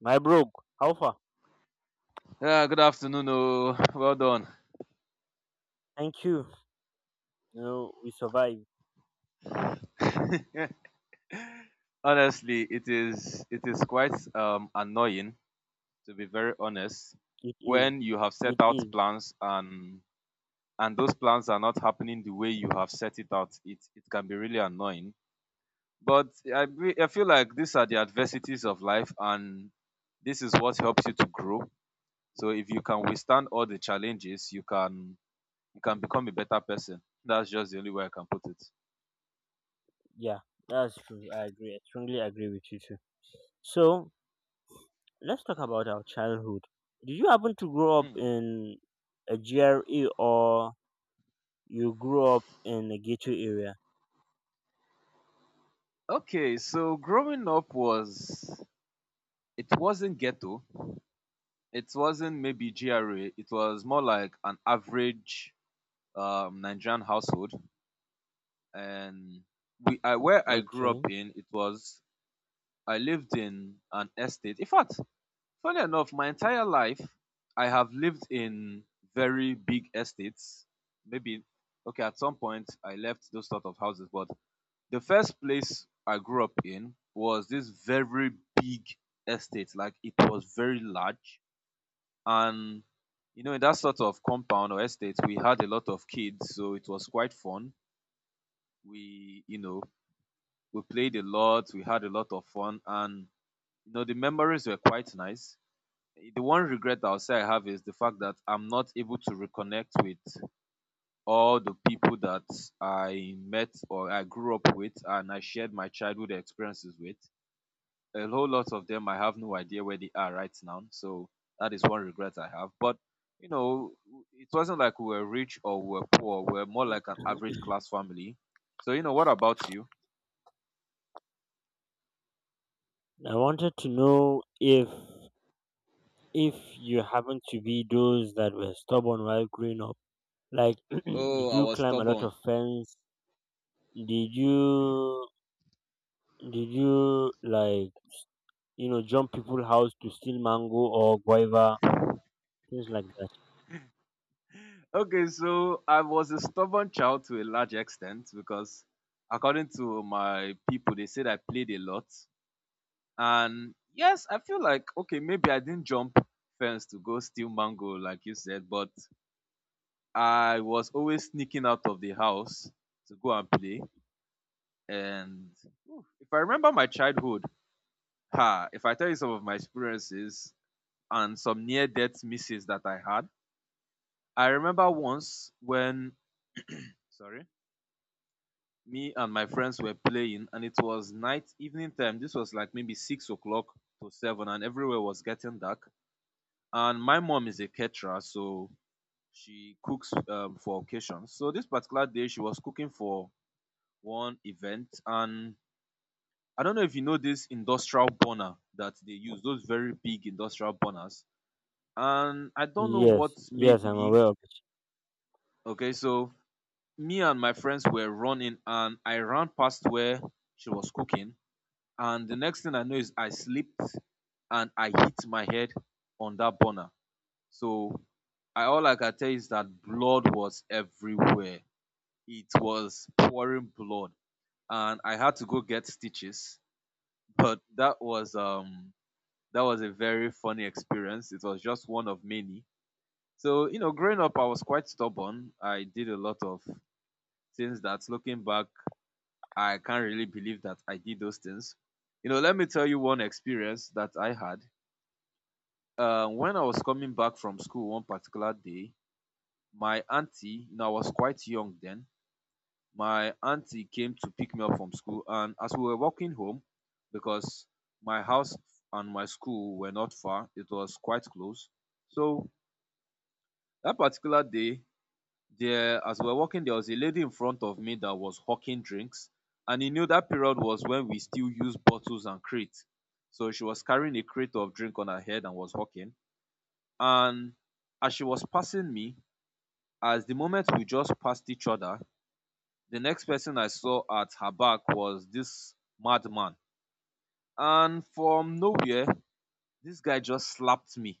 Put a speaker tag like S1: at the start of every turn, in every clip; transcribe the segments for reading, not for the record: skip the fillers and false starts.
S1: My bro, how far?
S2: Yeah, good afternoon. Oh, well done.
S1: Thank you. You know, we survived.
S2: Honestly, it is quite annoying, to be very honest,
S1: It is.
S2: when you have set
S1: It
S2: out
S1: is.
S2: plans and those plans are not happening the way you have set it out. It can be really annoying. But I feel like these are the adversities of life, and this is what helps you to grow. So if you can withstand all the challenges, you can become a better person. That's just the only way I can put it.
S1: Yeah, that's true. I agree. I strongly agree with you too. So let's talk about our childhood. Did you happen to grow up
S2: Hmm.
S1: in a GRE or you grew up in a ghetto area?
S2: Okay, so growing up was, it wasn't ghetto. It wasn't maybe GRA. It was more like an average Nigerian household. And where I grew
S1: Okay.
S2: up in, it was, I lived in an estate. In fact, funny enough, my entire life I have lived in very big estates. Maybe, okay, at some point I left those sort of houses, but the first place I grew up in was this very big estate. Like it was very large. And you know, in that sort of compound or estate, we had a lot of kids, so it was quite fun. We, you know, we played a lot, we had a lot of fun, and you know, the memories were quite nice. The one regret I'll say I have is the fact that I'm not able to reconnect with all the people that I met or I grew up with and I shared my childhood experiences with. A whole lot of them I have no idea where they are right now. So that is one regret I have. But you know, it wasn't like we were rich or we were poor. We were more like an average class family. So you know, what about you?
S1: I wanted to know if you happen to be those that were stubborn while growing up. Like, did
S2: Oh, I
S1: you
S2: was
S1: climb a lot
S2: stubborn.
S1: of fence? Did you Did you like jump people house to steal mango or guava things like that?
S2: Okay, so I was a stubborn child to a large extent because according to my people, they said I played a lot. And yes, I feel like okay, maybe I didn't jump fence to go steal mango like you said, but I was always sneaking out of the house to go and play. And oof, if I remember my childhood, ha, if I tell you some of my experiences and some near death misses that I had, I remember once when, sorry, me and my friends were playing and it was night, evening time. This was like maybe 6 o'clock to seven, and everywhere was getting dark. And my mom is a caterer, so she cooks for occasions. So this particular day, she was cooking for one event and I don't know if you know this industrial burner that they use, those very big industrial burners. And I don't know what
S1: Yes, yes,
S2: made
S1: I'm
S2: me.
S1: aware of it.
S2: Okay, so me and my friends were running and I ran past where she was cooking. And the next thing I know is I slipped and I hit my head on that burner. So I all I can tell is that blood was everywhere. It was pouring blood. And I had to go get stitches, but that was a very funny experience. It was just one of many. So you know, growing up I was quite stubborn. I did a lot of things that, looking back, I can't really believe that I did those things. You know, let me tell you one experience that I had. When I was coming back from school one particular day, my auntie, you know I was quite young then, my auntie came to pick me up from school, and as we were walking home, because my house and my school were not far, it was quite close, so that particular day, there as we were walking, there was a lady in front of me that was hawking drinks. And you know that period was when we still used bottles and crates, so she was carrying a crate of drink on her head and was hawking. And as she was passing me, as the moment we just passed each other, the next person I saw at her back was this madman. And from nowhere, this guy just slapped me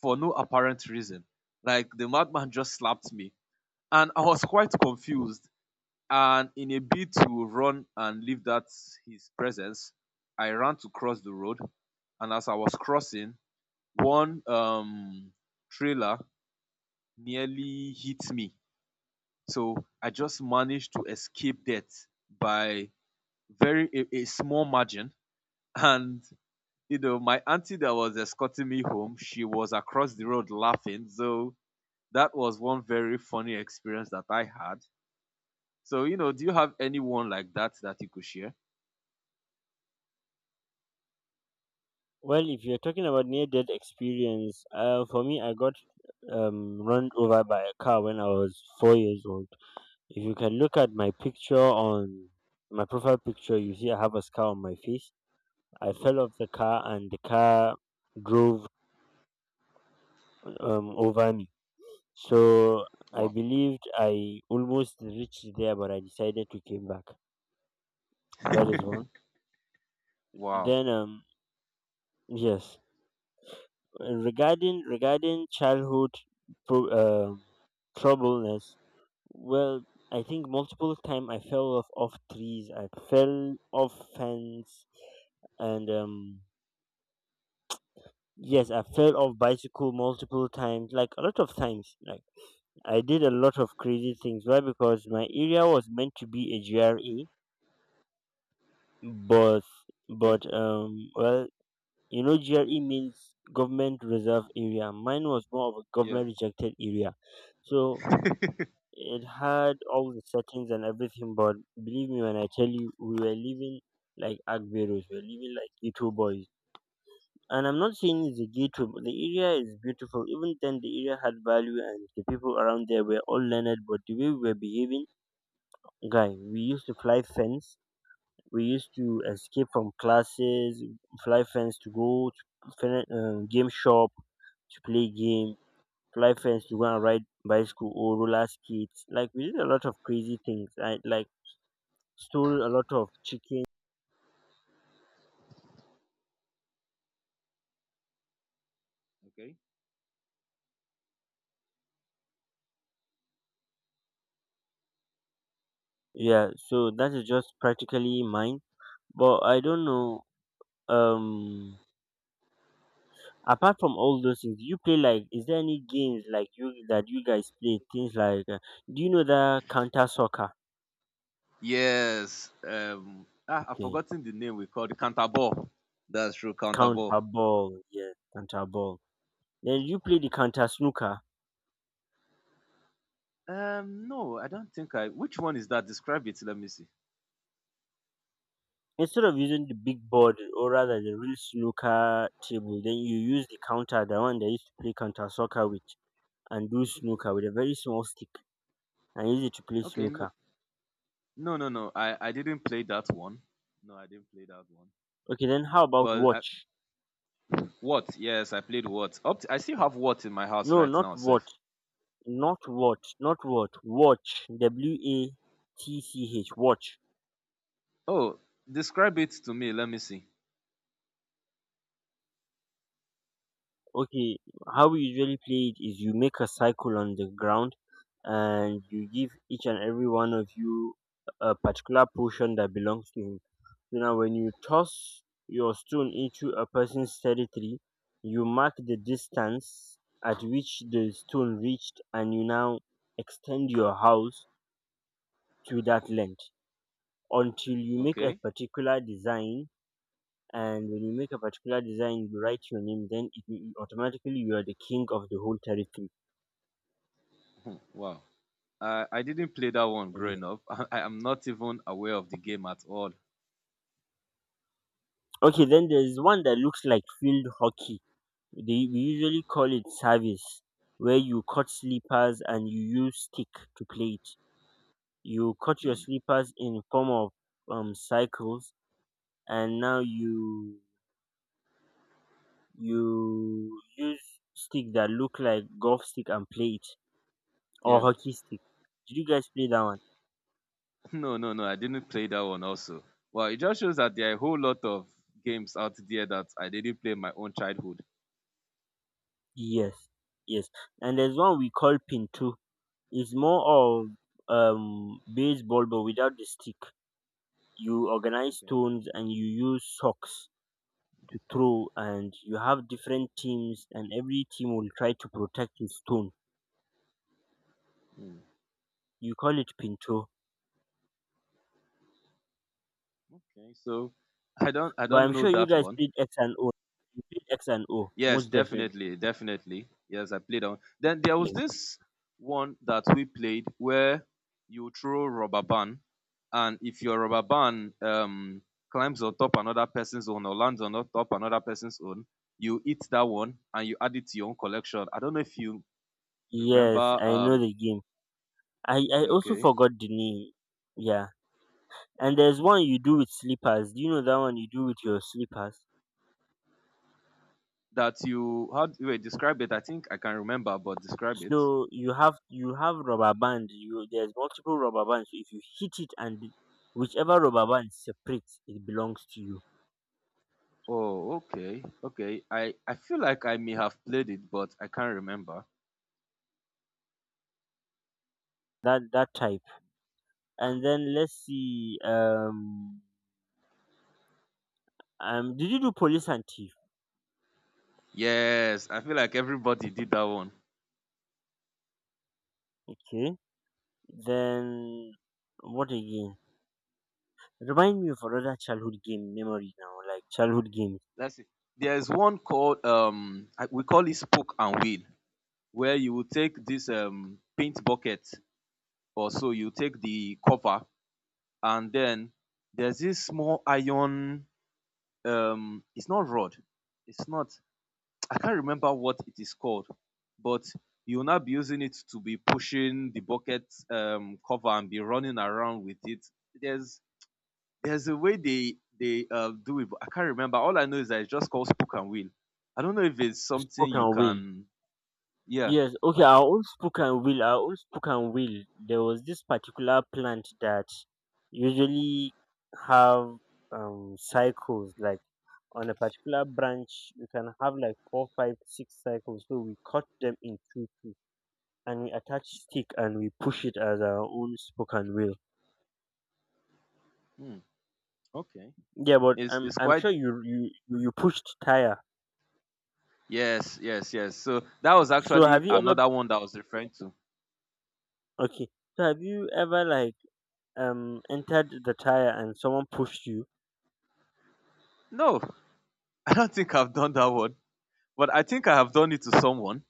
S2: for no apparent reason. Like the madman just slapped me. And I was quite confused. And in a bid to run and leave that, his presence, I ran to cross the road. And as I was crossing, one trailer nearly hit me. So I just managed to escape death by a small margin. And you know, my auntie that was escorting me home, she was across the road laughing. So that was one very funny experience that I had. So you know, do you have anyone like that that you could share?
S1: Well, if you're talking about near-death experience, for me, I got run over by a car when I was 4 years old. If you can look at my picture on my profile picture, you see I have a scar on my face. I fell off the car and the car drove over me. So I
S2: Wow.
S1: believed I almost reached there, but I decided to came back. That is one.
S2: Wow.
S1: Then yes, regarding childhood pro- um troubleness, well, I think multiple time I fell off trees. I fell off fence, and yes, I fell off bicycle multiple times, like a lot of times. Like I did a lot of crazy things. Why? Because my area was meant to be a GRA, but
S2: Okay.
S1: well, GRE means government reserve area. Mine was more of a
S2: Yeah.
S1: government rejected area, so it had all the settings and everything. But believe me when I tell you, we were living like Agberos, we were living like ghetto boys. And I'm not saying it's a ghetto, but the area is beautiful. Even then, the area had value, and the people around there were all learned. But the way we were behaving, guy, we used to fly fence. We used to escape from classes, fly fence to go to game shop to play game, fly fence to go and ride bicycle or roller skates. Like we did a lot of crazy things. I like stole a lot of chicken.
S2: Okay.
S1: Yeah, so that is just practically mine. But I don't know. Um, apart from all those things, do you play like? Is there any games like you that you guys play? Things like, do you know that counter soccer?
S2: Yes, I've
S1: Okay,
S2: forgotten the name. We called the counterball. That's true. Counterball.
S1: counter ball. Yeah, counter ball. Then you play the counter snooker.
S2: No, I don't think I which one is that? Describe it, let me see.
S1: Instead of using the big board or rather the real snooker table, then you use the counter, the one they used to play counter soccer with, and do snooker with a very small stick and use it to play
S2: Okay, no.
S1: snooker.
S2: No, no, no. I didn't play that one. No, I didn't play that one.
S1: Okay, then how about
S2: Well, I,
S1: watch?
S2: what? Yes, I played what? Up to, I still have what in my house
S1: No,
S2: right
S1: not
S2: now, Seth.
S1: watch, not watch, not watch, watch. W A T C H, watch.
S2: Oh, describe it to me. Let me see.
S1: Okay, how we usually play it is you make a circle on the ground and you give each and every one of you a particular portion that belongs to him. So now, when you toss your stone into a person's territory, you mark the distance at which the stone reached, and you now extend your house to that length until you make a
S2: Okay.
S1: particular design. And when you make a particular design, you write your name, then automatically you are the king of the whole territory.
S2: Hmm, wow. I didn't play that one
S1: Mhm.
S2: growing up. I am not even aware of the game at all.
S1: Okay, then there's one that looks like field hockey. They, we usually call it service, where you cut slippers and you use stick to play it. You cut your slippers in form of circles, and now you use stick that look like golf stick and play it or
S2: Yeah.
S1: hockey stick. Did you guys play that one?
S2: No, no, no. I didn't play that one also. Well, it just shows that there are a whole lot of games out there that I didn't play in my own childhood.
S1: Yes, yes. And there's one we call pin two. It's more of baseball but without the stick. You organize
S2: Okay.
S1: stones and you use socks to throw, and you have different teams, and every team will try to protect his stone.
S2: Hmm,
S1: You call it pinto.
S2: okay. So I don't I
S1: But
S2: don't
S1: I'm
S2: know
S1: sure you
S2: that
S1: guys
S2: one.
S1: played X and O. You played X and O,
S2: Yes,
S1: most definitely.
S2: definitely, definitely. Yes, I played that one. Then there was
S1: Yes,
S2: this one that we played where you throw rubber band, and if your rubber band climbs on top another person's own or lands on top another person's own, you eat that one and you add it to your own collection. I don't know if you
S1: yes,
S2: remember.
S1: I know the game. I also
S2: Okay,
S1: forgot the name. Yeah, and there's one you do with slippers. Do you know that one you do with your slippers?
S2: that you how do-, wait, describe it? I think I can remember, but describe it.
S1: So you have rubber band. You There's multiple rubber bands. So if you hit it and whichever rubber band separates, it belongs to you.
S2: Oh, okay, okay. I feel like I may have played it, but I can't remember.
S1: That type. And then let's see. Did you do police and thief?
S2: Yes, I feel like everybody did that one.
S1: Okay. Then what again? Remind me of another childhood game memory now, like childhood games.
S2: Let's see. There's one called we call it spoke and wheel, where you will take this paint bucket, or so you take the cover, and then there's this small iron, it's not rod. It's not, I can't remember what it is called, but you'll now be using it to be pushing the bucket, cover, and be running around with it. There's There's a way they do it, but I can't remember. All I know is that it's just called spook and wheel. I don't know if it's something you
S1: Spoken will,
S2: can. Yeah.
S1: yes, okay, our own spoken will, our own spoken will. There was this particular plant that usually have cycles like on a particular branch you can have like four, five, six cycles. So we cut them in two two and we attach stick and we push it as our own spoken will.
S2: Hmm. Okay.
S1: Yeah, but
S2: It's
S1: I'm
S2: quite.
S1: sure you pushed tire.
S2: Yes, yes, yes. So that was
S1: So have
S2: actually
S1: you ever
S2: another one that I was referring to.
S1: okay? So have you ever like entered the tire and someone pushed you?
S2: No, I don't think I've done that one, but I think I have done it to someone.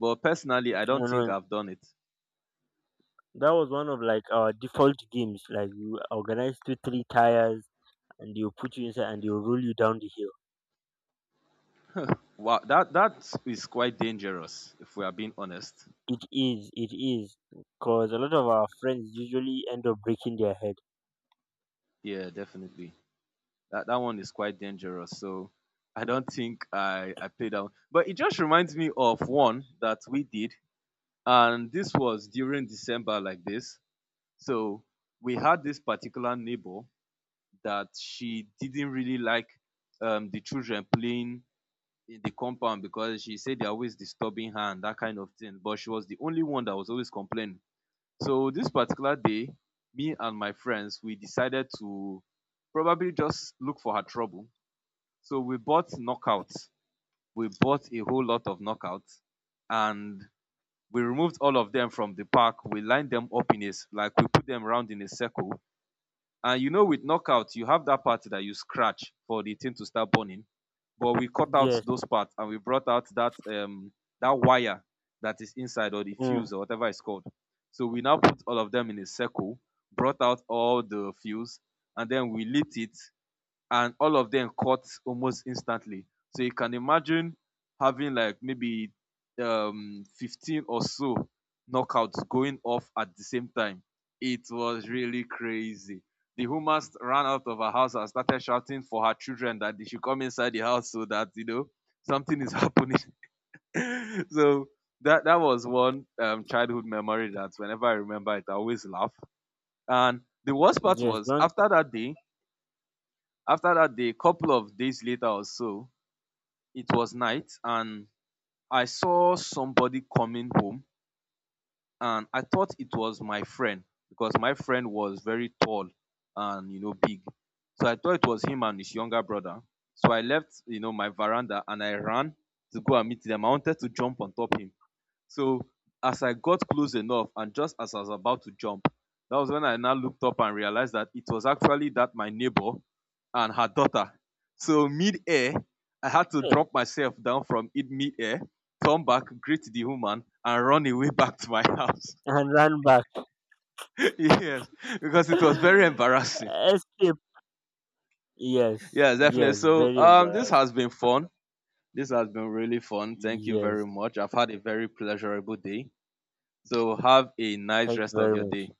S2: But personally, I
S1: Oh
S2: don't think
S1: no,
S2: I've done it.
S1: that was one of like our default games. Like you organize two three tires and they'll put you inside and they'll roll you down the hill.
S2: Wow, that is quite dangerous, if we are being honest.
S1: It is because a lot of our friends usually end up breaking their head.
S2: Yeah, definitely. That one is quite dangerous. So I don't think I played that one. But it just reminds me of one that we did, and this was during December like this. So we had this particular neighbor that she didn't really like, the children playing in the compound, because she said they're always disturbing her and that kind of thing. But she was the only one that was always complaining. So this particular day, me and my friends we decided to probably just look for her trouble, so we bought knockouts. We bought a whole lot of knockouts, and we removed all of them from the pack. We lined them up in a, like we put them round in a circle. And you know, with knockouts, you have that part that you scratch for the thing to start burning. But we cut out
S1: Yes,
S2: those parts and we brought out that that wire that is inside, or the
S1: mm,
S2: fuse or whatever it's called. So we now put all of them in a circle, brought out all the fuse, and then we lit it, and all of them caught almost instantly. So you can imagine having like maybe 15 or so knockouts going off at the same time. It was really crazy. The woman ran out of her house and started shouting for her children that they should come inside the house so that you know something is happening. So that was one childhood memory that whenever I remember it, I always laugh. And the worst part
S1: yes,
S2: was
S1: don't
S2: after that day, couple of days later or so, it was night and I saw somebody coming home and I thought it was my friend because my friend was very tall and you know big. So I thought it was him and his younger brother. So I left, you know, my veranda and I ran to go and meet them. I wanted to jump on top him. So as I got close enough and just as I was about to jump, that was when I now looked up and realized that it was actually that my neighbor and her daughter. So mid-air, I had to
S1: eh,
S2: drop myself down from it mid-air, turn back, greet the woman, and run away back to my house.
S1: and run back.
S2: Yes, because it was very embarrassing.
S1: Escape. Yes,
S2: Yes, definitely.
S1: yes,
S2: So
S1: very
S2: this
S1: embarrassed.
S2: has been fun. This has been really fun. Thank you
S1: Yes,
S2: very much. I've had a very pleasurable day. So have a nice
S1: thank you
S2: rest of
S1: very
S2: your
S1: much.
S2: day.